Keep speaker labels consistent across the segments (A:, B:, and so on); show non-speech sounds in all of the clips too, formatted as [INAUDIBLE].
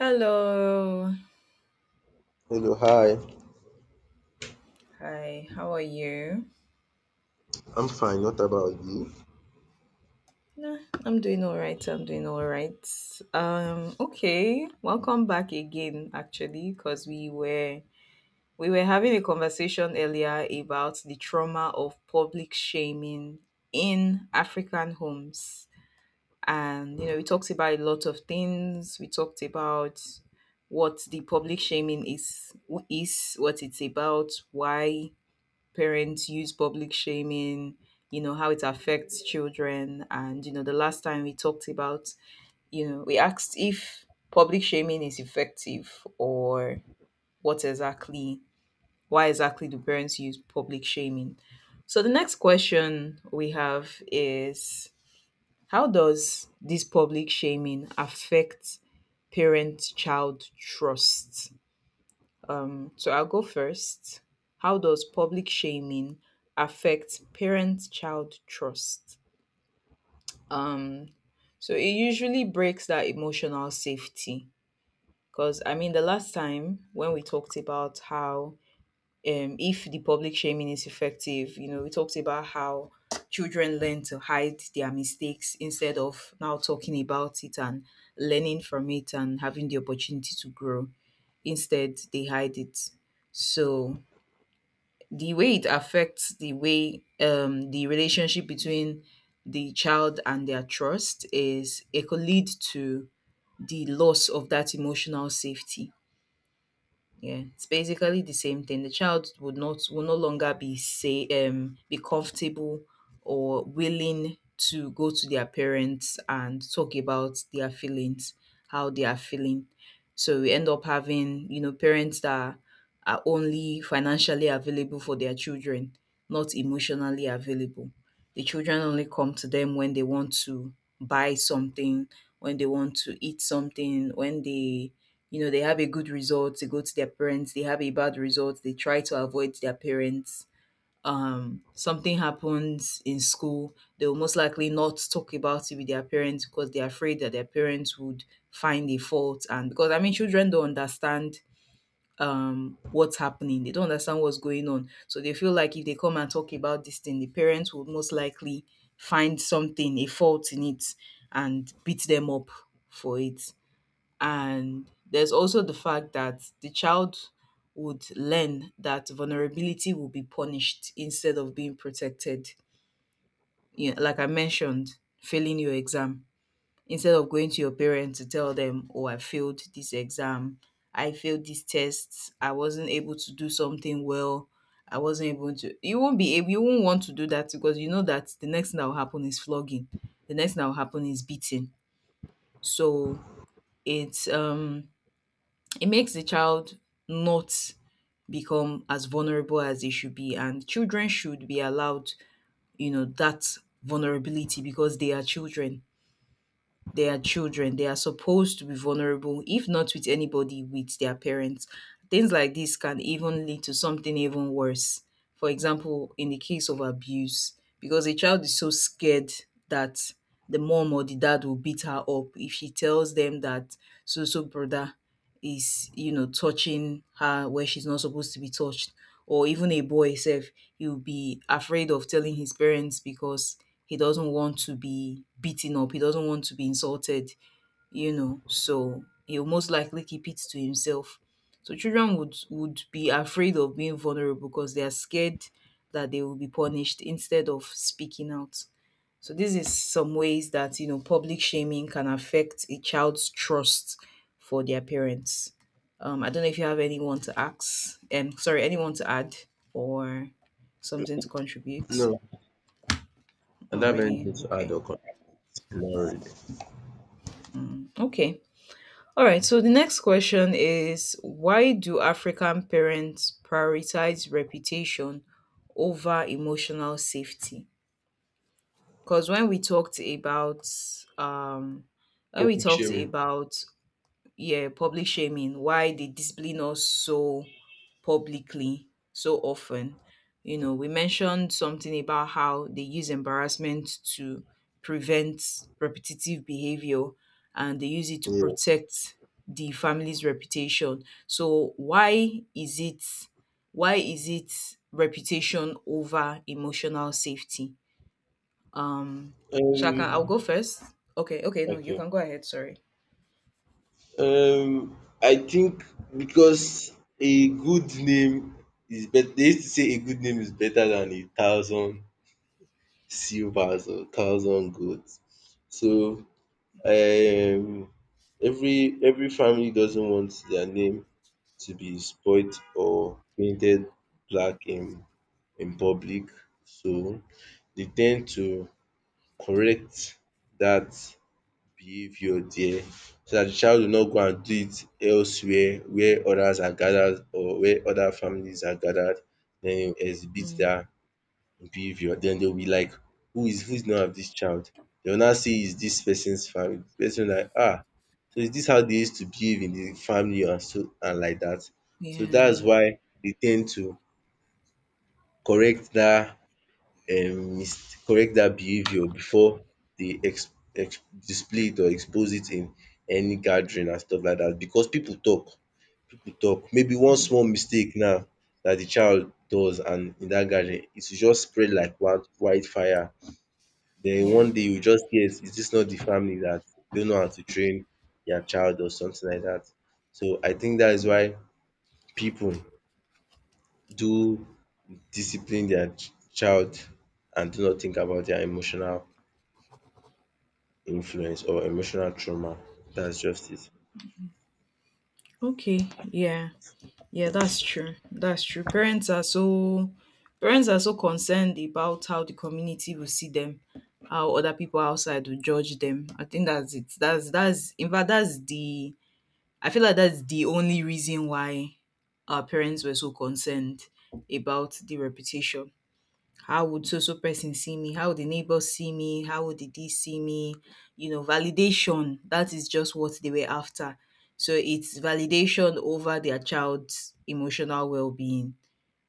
A: Hello.
B: Hello, hi.
A: Hi, how are you?
B: I'm fine. What about you?
A: Nah, I'm doing all right. I'm doing all right. Okay. Welcome back again actually because we were having a conversation earlier about the trauma of public shaming in African homes. And you know, we talked about a lot of things. We talked about what the public shaming is, what it's about, why parents use public shaming, you know, how it affects children. And, you know, the last time we talked about, you know, we asked if public shaming is effective or what exactly, why exactly do parents use public shaming? So the next question we have is how does this public shaming affect parent child trust? So I'll go first. How does public shaming affect parent-child trust? Um, so it usually breaks that emotional safety. Because I mean, the last time when we talked about how if the public shaming is effective, you know, we talked about how children learn to hide their mistakes instead of now talking about it and learning from it and having the opportunity to grow. Instead, they hide it. So the way it affects the relationship between the child and their trust is it could lead to the loss of that emotional safety. Yeah, it's basically the same thing. The child would not will no longer be say be comfortable or willing to go to their parents and talk about their feelings, how they are feeling. So we end up having, you know, parents that are only financially available for their children, not emotionally available. The children only come to them when they want to buy something, when they want to eat something, when they they have a good result, they go to their parents, they have a bad result, they try to avoid their parents. Something happens in school, they will most likely not talk about it with their parents because they're afraid that their parents would find a fault. And because I mean, children don't understand what's happening, they don't understand what's going on. So they feel like if they come and talk about this thing, the parents would most likely find something, a fault in it, and beat them up for it. And there's also the fact that the child would learn that vulnerability will be punished instead of being protected. You know, like I mentioned, failing your exam. Instead of going to your parents to tell them, oh, I failed this exam, I failed these tests, I wasn't able to do something well, I wasn't able to. You won't be able, you won't want to do that because you know that the next thing that will happen is flogging. The next thing that will happen is beating. So it's um it makes the child not become as vulnerable as they should be, and children should be allowed you know that vulnerability because they are children. They are supposed to be vulnerable, if not with anybody, with their parents. Things like this can even lead to something even worse. For example, in the case of abuse, because a child is so scared that the mom or the dad will beat her up if she tells them that so so brother is you know touching her where she's not supposed to be touched, or even a boy self, he'll be afraid of telling his parents because he doesn't want to be beaten up. He doesn't want to be insulted, you know. So he'll most likely keep it to himself. So children would be afraid of being vulnerable because they are scared that they will be punished instead of speaking out. So this is some ways that you know public shaming can affect a child's trust for their parents. I don't know if you have anyone to ask, and sorry, anyone to add or something to contribute.
B: No, I don't
A: Not
B: have anything
A: really.
B: to add
A: Okay.
B: or connect. Not really.
A: Okay. All right. So the next question is why do African parents prioritize reputation over emotional safety? Because when we talked about um, when we
B: Topic
A: talked
B: sharing.
A: about yeah, public shaming, why they discipline us so publicly, so often. You know, we mentioned something about how they use embarrassment to prevent repetitive behavior and they use it to
B: Yes.
A: protect the family's reputation. So why is it reputation over emotional safety? Um so I'll
B: Um,
A: go first. Okay, okay, no, you
B: okay.
A: can go ahead, sorry.
B: Um, I think because a good name is better. They used to say a good name is better than a thousand silvers or thousand golds. So, um, every family doesn't want their name to be spoilt or painted black in public. So they tend to correct that behavior there so that the child will not go and do it elsewhere where others are gathered or where other families are gathered den e exhibit
A: Mm,
B: that behavior. Then they will be like who is the of this child? They will now see is this person's family person like ah, so is this how they used to behave in the family and so and like that. So
A: yeah,
B: that's why they tend to correct that. Correct that behaviour before they ex ex display it or expose it in any gathering and stuff like that. Because people talk, people talk. Maybe one small mistake now that the child does and in that gathering it will just spread like wildfire. Then
A: yeah.
B: one day you just hear is this not the family that don't know how to train their child or something like that? So I think that is why people do discipline their child and do not think about their emotional influence or emotional trauma. That's just it.
A: Okay, yeah. Yeah, that's true. That's true. Parents are so concerned about how the community will see them, how other people outside will judge them. I think that's it. That's in fact that's the I feel like that's the only reason why our parents were so concerned about the reputation. How would so so person see me? How would the neighbors see me? How would the this see me? You know, validation. That is just what they were after. So it's validation over their child's emotional well being,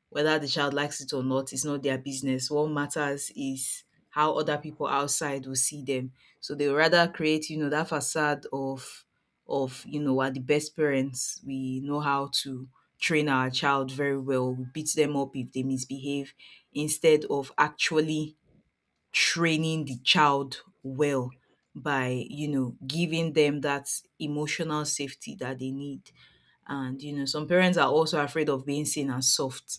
A: whether the child likes it or not, it's not their business. What matters is how other people outside will see them. So they would rather create, you know, that facade of you know, we're the best parents. We know how to train our child very well. We beat them up if they misbehave, instead of actually training the child well by you know giving them that emotional safety that they need. And you know some parents are also afraid of being seen as soft,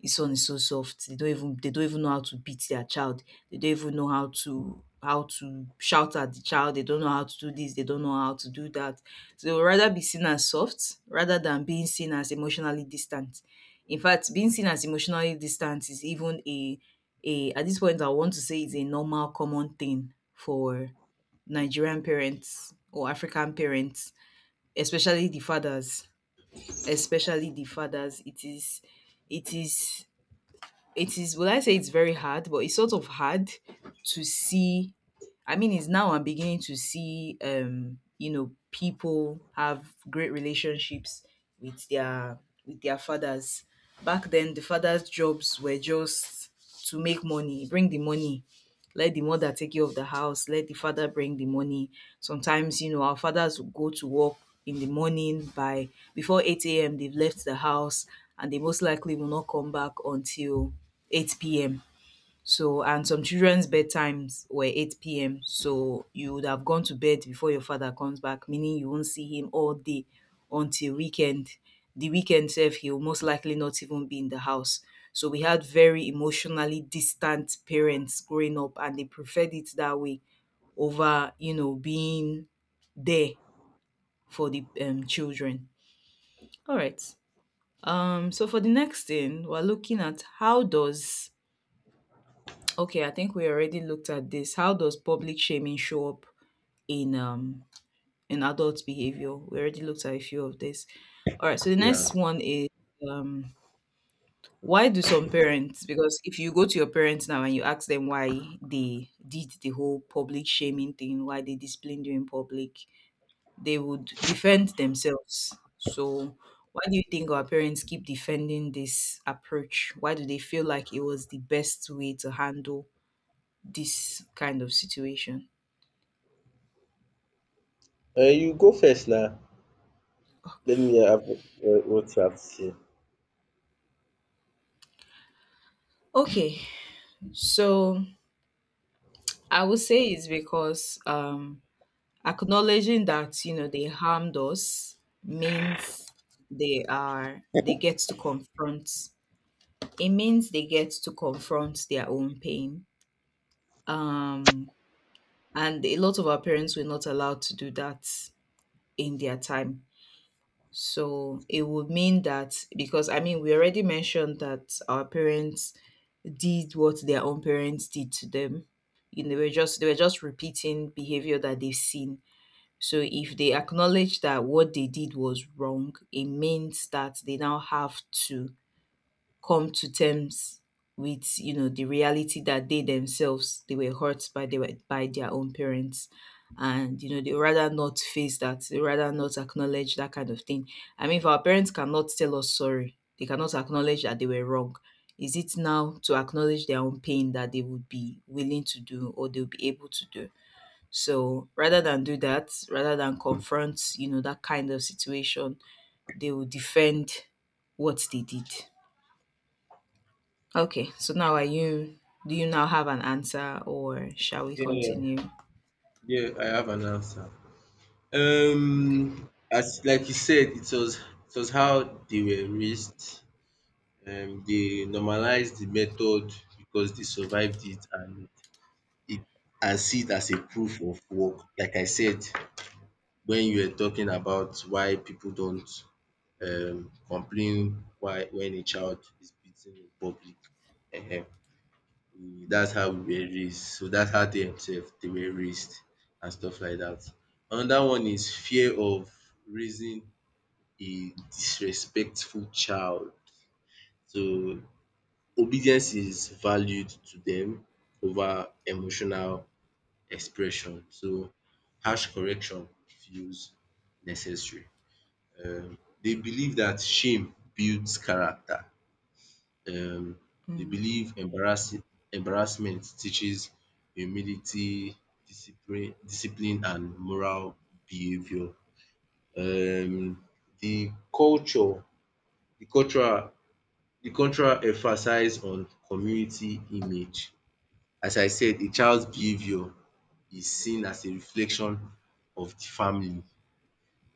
A: his son is so soft. They don't even know how to beat their child. They don't even know how to shout at the child. They don't know how to do this. They don't know how to do that. So they would rather be seen as soft rather than being seen as emotionally distant. In fact, being seen as emotionally distant is even a at this point I want to say it's a normal common thing for Nigerian parents or African parents, especially the fathers. Especially the fathers. It is it is would I say it's very hard, but it's sort of hard to see. I mean, it's now I'm beginning to see, you know, people have great relationships with their with their fathers. Back then the fathers' jobs were just to make money, bring the money, let the mother take care of the house, let the father bring the money. Sometimes you know our fathers would go to work in the morning by before 8 a.m they've left the house, and they most likely will not come back until 8 p.m. So, and some children's bedtimes were 8 p.m. So you would have gone to bed before your father comes back, meaning you won't see him all day until weekend. The weekend self, he'll most likely not even be in the house. So we had very emotionally distant parents growing up, and they preferred it that way over, you know, being there for the children. All right. So for the next thing, we're looking at how does okay, I think we already looked at this. How does public shaming show up in um in adult behavior? We already looked at a few of this. All right, so the next
B: Yeah.
A: one is um why do some parents, because if you go to your parents now and you ask them why they did the whole public shaming thing, why they disciplined you in public, they would defend themselves. So why do you think our parents keep defending this approach? Why do they feel like it was the best way to handle this kind of situation?
B: You go first now. Let me have what you have to say.
A: Okay, so I would say it's because, acknowledging that you know they harmed us means they get to confront. It means they get to confront their own pain, um, and a lot of our parents were not allowed to do that in their time. So it would mean that, because I mean we already mentioned that our parents did what their own parents did to them. You know, they were just repeating behavior that they've seen. So if they acknowledge that what they did was wrong, it means that they now have to come to terms with you know the reality that they themselves they were hurt by, they were by their own parents, and you know they rather not face that, they rather not acknowledge that kind of thing. I mean if our parents cannot tell us sorry, they cannot acknowledge that they were wrong, is it now to acknowledge their own pain that they would be willing to do or they'll be able to do? So rather than do that, rather than confront you know that kind of situation, they will defend what they did. Okay, so now are you do you now have an answer or shall we
B: Yeah,
A: continue?
B: yeah, I have an answer.
A: Okay.
B: As like you said, it was how they were raised. They normalized the method because they survived it and see it as a proof of work. Like I said, when you were talking about why people don't complain why when a child is beaten in public. Ehen, we
A: Mm,
B: that's how we were raised. So that's how they were raised and stuff like that. Another one is fear of raising a disrespectful child. So obedience is valued to them over emotional expression. So harsh correction feels necessary. um Dey believe that shame builds character. um they
A: mm,
B: believe embarrassing embarrassment teaches humility, discipline and moral behaviour. Um the culture the cultural the cultural emphasize on community image. As I said, a child's behaviour is seen as a reflection of the family.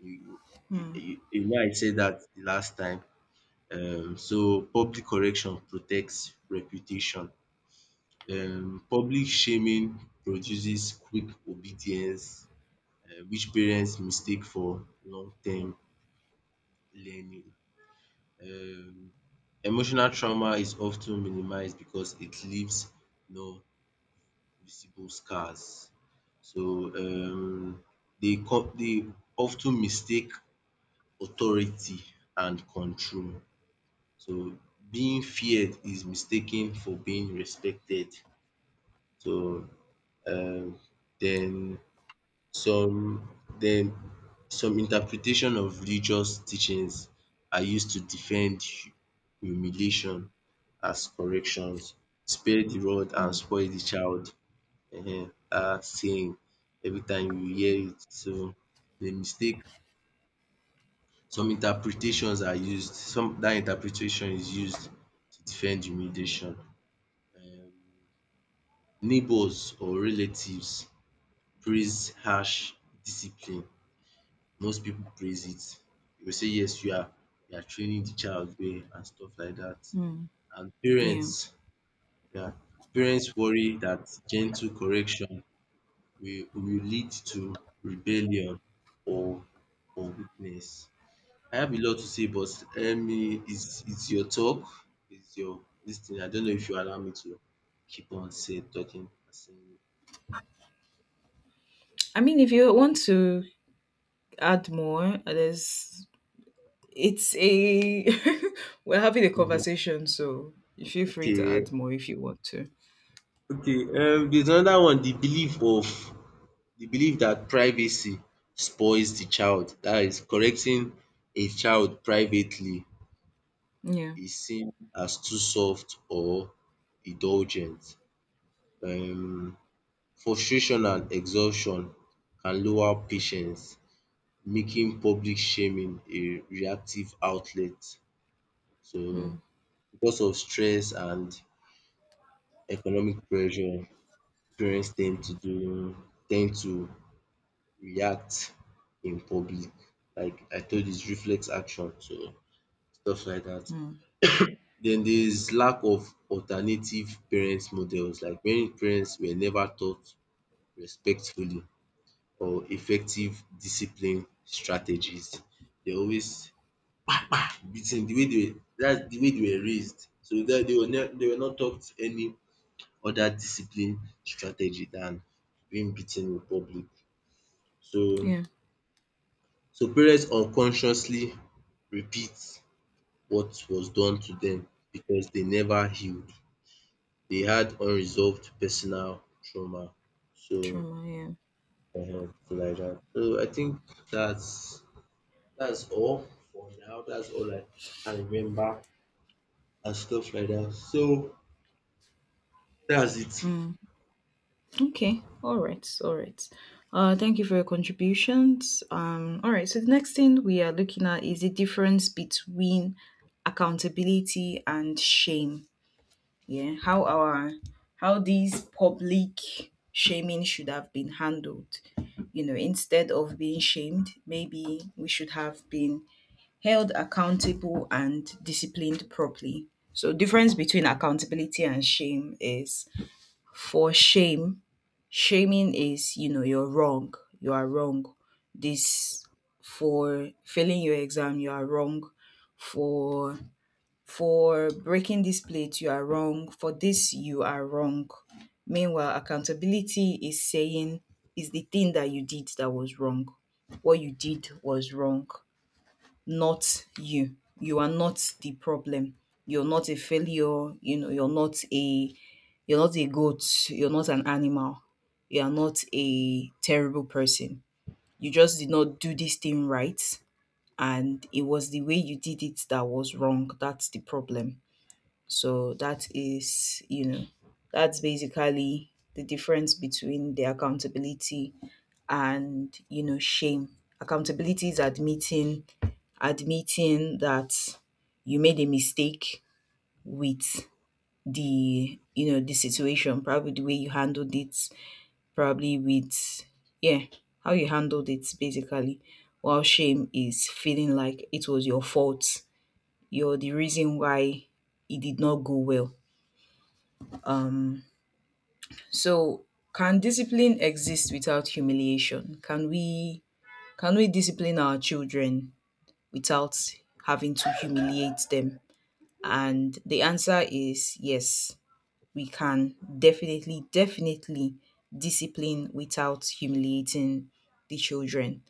B: You you
A: mm,
B: you you know I said that the last time. So public correction protects reputation. Public shaming produces quick obedience, which parents mistake for long term learning. um Emotional trauma is often minimized because it leaves no visible scars. So they often mistake authority and control. So being feared is mistaken for being respected. So um then Some then, some interpretation of religious teachings are used to defend humiliation as corrections. Spare the rod and
A: mm,
B: spoil the child. Dat saying every time you hear it. So the mistake some that interpretation is used to defend humiliation. um Neighbours or relatives praise harsh discipline, most people praise it. They will say yes you are training the child well and stuff like that.
A: mm.
B: And
A: Yeah.
B: parents, yeah, parents worry that gentle correction will lead to rebellion or or weakness. I have a lot to say but let me it's your talk, it's your this thing. I don't know if you allow me to keep on say talking and saying.
A: I mean if you want to add more, there's it's a [LAUGHS] we're having a conversation, so you feel free to
B: Okay,
A: add more if you want to.
B: okay, there's another one. The belief of The belief that privacy spoils the child, that is correcting a child privately
A: Yeah.
B: is seen as too soft or indulgent. Um frustration and exhaustion can lower patience, making public shaming a reactive outlet. So
A: Mm,
B: because of stress and economic pressure, parents tend to do tend to react in public. Like I told you, reflex action, so stuff like that.
A: mm.
B: Then there is lack of alternative parent models. Like many parents were never taught respectfully or effective discipline strategies. They always beaten the way they were that's the way they were raised. So that they were not taught any other discipline strategy than being beaten in public. So
A: Yeah.
B: So parents unconsciously repeat what was done to them because they never healed. They had unresolved personal trauma. So
A: Trauma, yeah.
B: so like that. So I think that's that's all for now. That's all I can remember and stuff like that. So that's it.
A: Mm. Okay. All right. All right. Thank you for your contributions. All right. So the next thing we are looking at is the difference between accountability and shame. Yeah. How our how these public shaming should have been handled. You know, instead of being shamed, maybe we should have been held accountable and disciplined properly. So difference between accountability and shame is for shame, shaming is, you know, you're wrong, you are wrong. This for failing your exam, you are wrong. For for breaking this plate, you are wrong. For this, you are wrong. Meanwhile, accountability is saying is the thing that you did that was wrong. What you did was wrong, not you. You are not the problem. You're not a failure, you know, you're not a goat, you're not an animal. You are not a terrible person. You just did not do this thing right, and it was the way you did it that was wrong. That's the problem. So that is, you know, that's basically the difference between the accountability and, you know, shame. Accountability is admitting that you made a mistake with the, you know, the situation, probably the way you handled it, probably with, yeah, how you handled it basically, while shame is feeling like it was your fault, you're the reason why it did not go well. um so can discipline exist without humiliation? Can we discipline our children without having to humiliate them? And the answer is yes, we can definitely, definitely discipline without humiliating the children.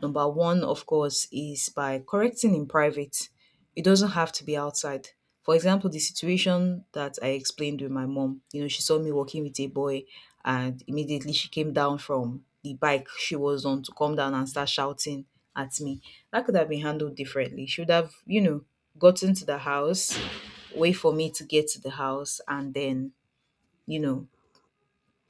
A: Number one, of course, is by correcting in private. It doesn't have to be outside. For example, the situation that I explained with my mom, you know, she saw me walking with a boy and immediately she came down from the bike she was on to come down and start shouting at me. That could have been handled differently. She would have, you know, gotten to the house, wait for me to get to the house, and then, you know,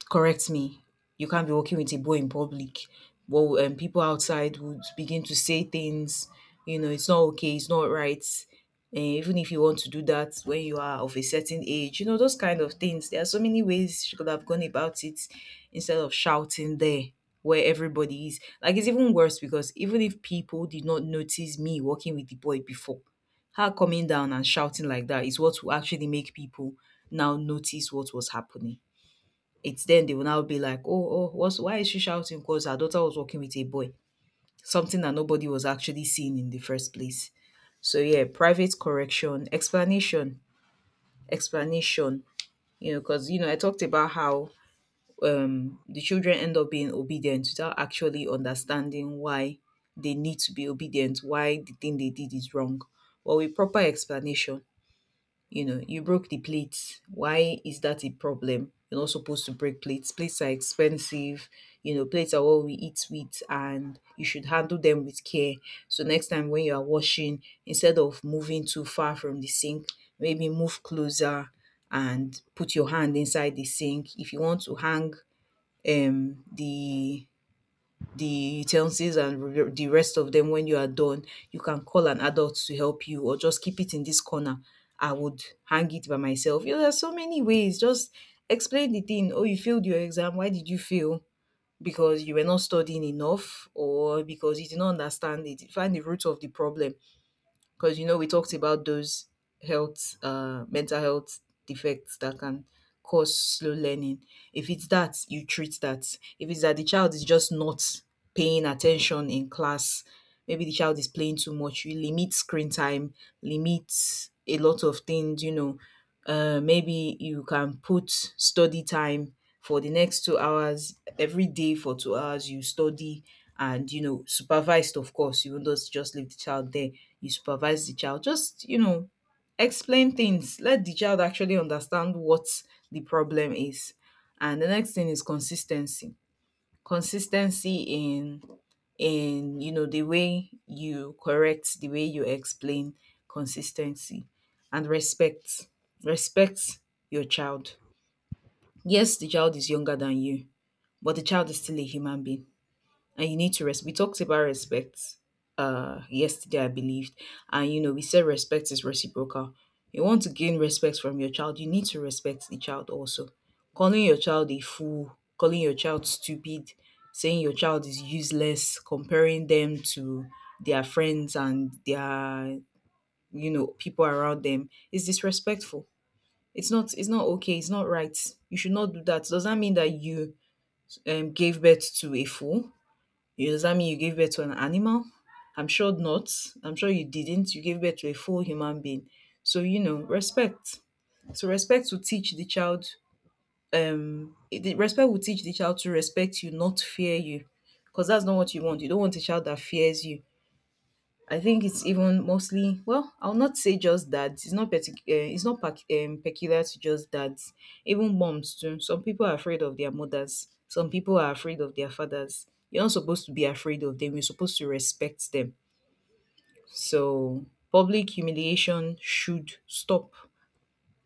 A: correct me. You can't be walking with a bow in public. Well, people outside would begin to say things, you know, it's not okay, it's not right. And even if you want to do that when you are of a certain age, you know, those kind of things. There are so many ways she could have gone about it instead of shouting there where everybody is. Like, it's even worse because even if people did not notice me walking with the boy before, her coming down and shouting like that is what will actually make people now notice what was happening. It's then they will now be like, oh, oh, what's why is she shouting? Because her daughter was walking with a boy, something that nobody was actually seeing in the first place. So yeah, private correction, explanation, explanation. You know, because you know, I talked about how the children end up being obedient without actually understanding why they need to be obedient, why the thing they did is wrong. But with proper explanation, you know, you broke the plates. Why is that a problem? You're not supposed to break plates. Plates are expensive. You know, plates are what we eat with, and you should handle them with care. So, next time when you are washing, instead of moving too far from the sink, maybe move closer and put your hand inside the sink. If you want to hang um, the the utensils and the rest of them when you are done, you can call an adult to help you or just keep it in this corner. I would hang it by myself. You know, there's so many ways. Just explain the thing. Oh, you failed your exam. Why did you fail? Because you were not studying enough or because you did not understand it. Find the root of the problem, because you know we talked about those health mental health defects that can cause slow learning. If it's that, you treat that. If it's that the child is just not paying attention in class, maybe the child is playing too much. You limit screen time, limit a lot of things. You know, maybe you can put study time for the next 2 hours. Every day for 2 hours you study, and you know, supervised, of course. You won't just leave the child there. You supervise the child. Just, you know, explain things. Let the child actually understand what the problem is. And the next thing is consistency, consistency in you know the way you correct, the way you explain. Consistency and respect. Respect your child. Yes, the child is younger than you, but the child is still a human being, and you need to rest. We talked about respect yesterday, I believed, and you know we said respect is reciprocal. You want to gain respect from your child, you need to respect the child also. Calling your child a fool, calling your child stupid, saying your child is useless, comparing them to their friends and their, you know, people around them is disrespectful. It's not okay, it's not right. You should not do that. Does that mean that you, gave birth to a fool? You- Does that mean you gave birth to an animal? I'm sure not. I'm sure you didn't. You gave birth to a full human being. So, you know, respect. So, respect will teach the child, the respect will teach the child to respect you, not fear you. Because that's not what you want. You don't want a child that fears you. I think it's even mostly, well, I'll not say just dads. It's not it's not peculiar to just dads. Even moms too. Some people are afraid of their mothers. Some people are afraid of their fathers. You're not supposed to be afraid of them. You're supposed to respect them. So public humiliation should stop.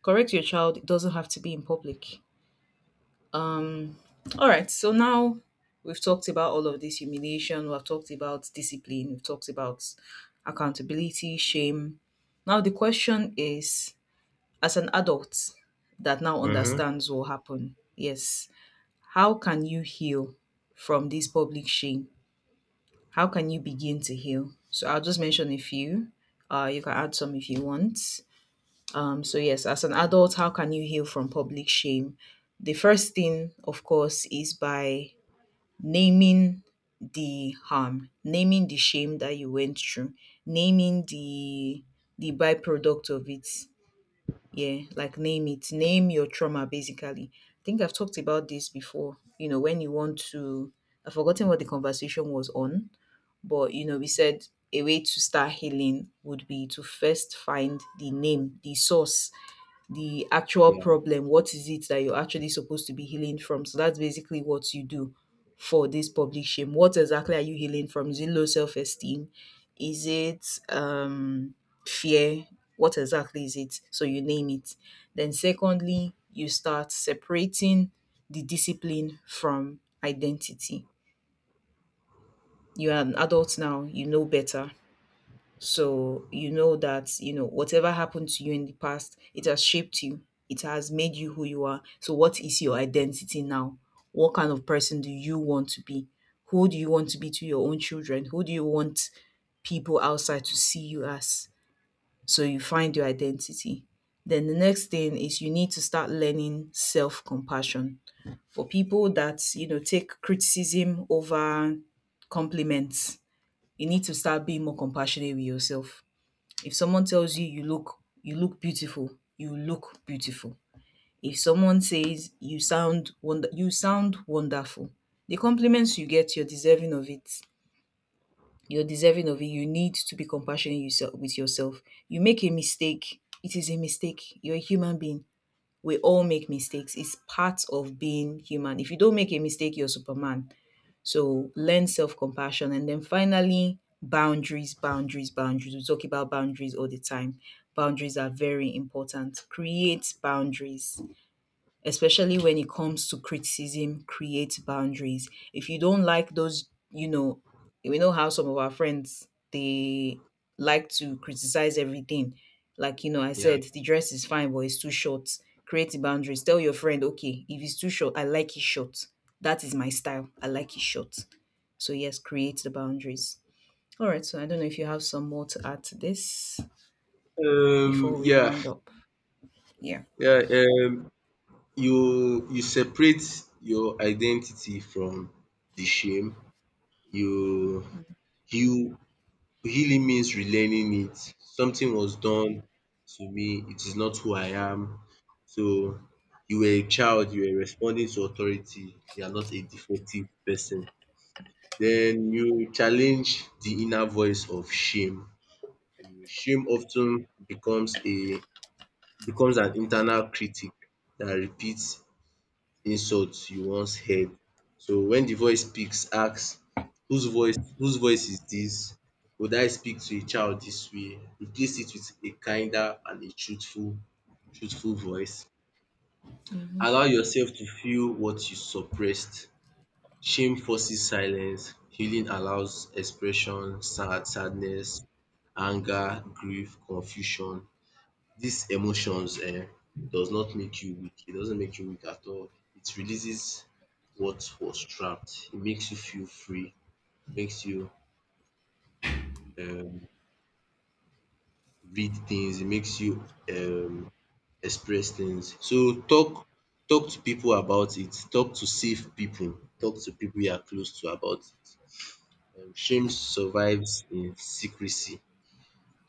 A: Correct your child. It doesn't have to be in public. Um, all right. So now we've talked about all of this humiliation. We've talked about discipline. We've talked about accountability, shame. Now the question is, as an adult that now
B: Mm-hmm.
A: understands what happened, yes, how can you heal from this public shame? How can you begin to heal? So I'll just mention a few. You can add some if you want. So yes, as an adult, how can you heal from public shame? The first thing, of course, is by naming the harm, naming the shame that you went through, naming the byproduct of it. Yeah, like name it, name your trauma basically. I think I've talked about this before. You know, when you want to, I've forgotten what the conversation was on, but you know, we said a way to start healing would be to first find the name, the source, the actual
B: Yeah,
A: problem. What is it that you're actually supposed to be healing from? So that's basically what you do for this public shame. What exactly are you healing from? Is it low self esteem? Is it fear? What exactly is it? So you name it. Then, secondly, you start separating the discipline from identity. You are an adult now, you know better. So you know that, you know, whatever happened to you in the past, it has shaped you. It has made you who you are. So what is your identity now? What kind of person do you want to be? Who do you want to be to your own children? Who do you want people outside to see you as? So you find your identity. Then the next thing is you need to start learning self-compassion. For people that, you know, take criticism over compliments, you need to start being more compassionate with yourself. If someone tells you you look beautiful, you look beautiful. If someone says you sound wonder you sound wonderful, the compliments you get, you're deserving of it. You're deserving of it. You need to be compassionate yourself with yourself. You make a mistake. It is a mistake. You're a human being. We all make mistakes. It's part of being human. If you don't make a mistake, you're Superman. So learn self compassion. And then finally, boundaries, boundaries, boundaries. We talk about boundaries all the time. Boundaries are very important. Create boundaries, especially when it comes to criticism. Create boundaries. If you don't like those, you know, we know how some of our friends they like to criticize everything. Like, you know, I
B: yeah.
A: said the dress is fine, but it's too short. Create the boundaries. Tell your friend, okay, if it's too short, I like it short, that is my style. I like it short. So, yes, create the boundaries. All right. So, I don't know if you have some more to add to this before we
B: Yeah,
A: round up. Yeah.
B: yeah. Um, you separate your identity from the shame. You heal Healing means relearning it. Something was done to me, it is not who I am. So you were a child, you were responding to authority, you are not a defective person. Then you challenge the inner voice of shame. Shame of ten becomes an internal critic that repeats insults you once heard. So when the voice speaks, ask whose voice is this? Would I speak to a child this way? Replace it with a kinder and a truthful voice. Allow
A: hmm
B: yourself to feel what you suppressed. Shame forces silence. Healing allows expression, sadness, anger, grief, confusion these emotions does not make you weak. It doesn't make you weak at all. It releases what was trapped. It makes you feel free. It makes you, um, read things. It makes you, um, express things. So talk to people about it. Talk to safe people. Talk to people you are close to about it. Shame survives in secrecy.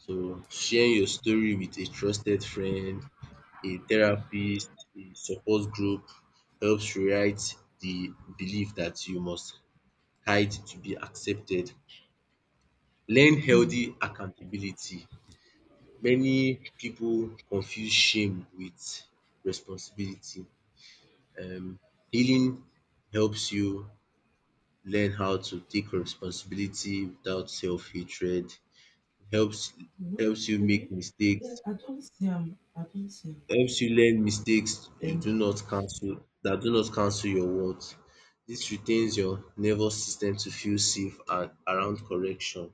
B: So share your story with a trusted friend, a therapist, a support group. Helps rewrite the belief that you must hide to be accepted. Learn healthy accountability. Many people confuse shame with responsibility. um Healing helps you learn how to take responsibility without self-hatred. Helps helps you make mistakes, helps you learn mistakes you do not cancel that do not cancel your worth. This retains your nervous system to feel safe and around correction.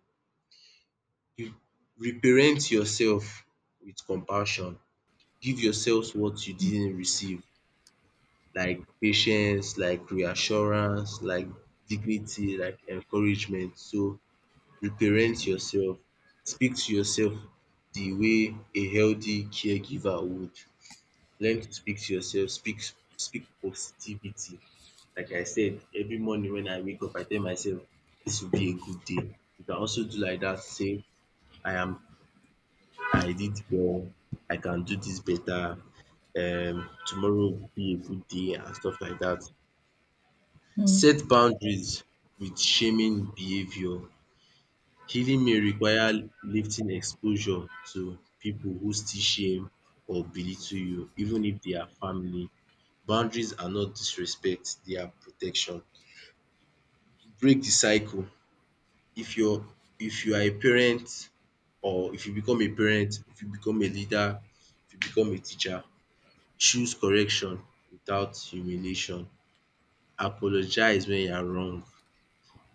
B: You reparent yourself with compassion. Give yourself what you didn't receive, like patience, like reassurance, like dignity, like encouragement. So reparent yourself. Speak to yourself the way a healthy caregiver would. Learn to speak to yourself, speak positivity. Like I said, every morning when I wake up, I tell myself this will be a good day. You can also do like that, say I am I did well, I can do this better, tomorrow will be a good day and stuff like that. Set boundaries with shaming behavior. Healing may require lifting exposure to people who still shame or belittle you, even if they are family. Boundaries are not disrespect, they are protection. Break the cycle. If you're if you are a parent, or if you become a parent, if you become a leader, if you become a teacher, choose correction without humiliation. Apologize when you are wrong.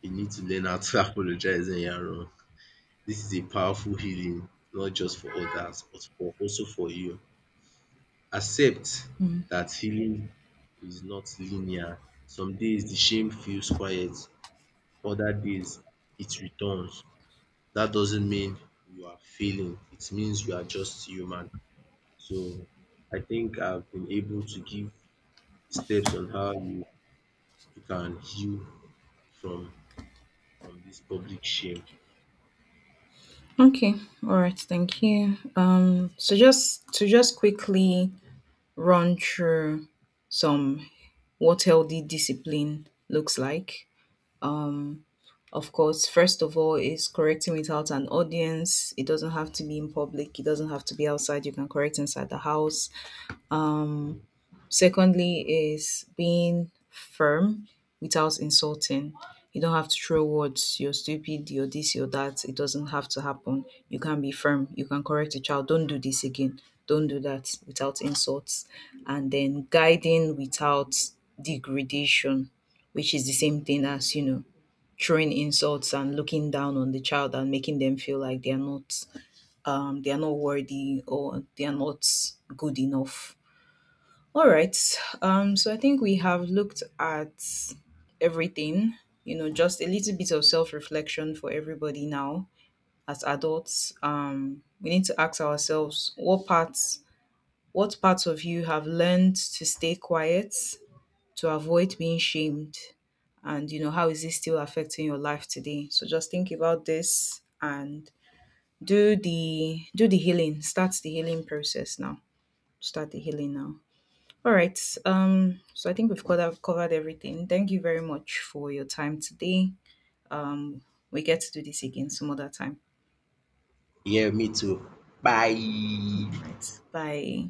B: You need to learn how to [LAUGHS] apologize when you are wrong. Dis is a powerful healing, not just for others but for also for you. Accept dat healing is not linear. Some days the shame feels quiet, other days it returns. That doesn't mean you are failing. It means you are just human. So I think I've been able to give steps on how you can heal from from this public shame.
A: Okay. All right. Thank you. So just to just quickly run through some what healthy discipline looks like. Of course, first of all, is correcting without an audience. It doesn't have to be in public. It doesn't have to be outside. You can correct inside the house. Secondly, is being firm without insulting. You don't have to throw words, you're stupid, you're this, you're that. It doesn't have to happen. You can be firm. You can correct a child. Don't do this again. Don't do that without insults. And then guiding without degradation, which is the same thing as, you know, throwing insults and looking down on the child and making them feel like they are not, they are not worthy or they are not good enough. All right. So I think we have looked at everything, you know, just a little bit of self reflection for everybody now as adults. We need to ask ourselves what parts of you have learned to stay quiet, to avoid being shamed, and, you know, how is this still affecting your life today? So just think about this and do the healing, start the healing process now, start the healing now. All right. So I think we've covered everything. Thank you very much for your time today. Um, we get to do this again some other time.
B: Yeah, me too. Bye.
A: All right. Bye.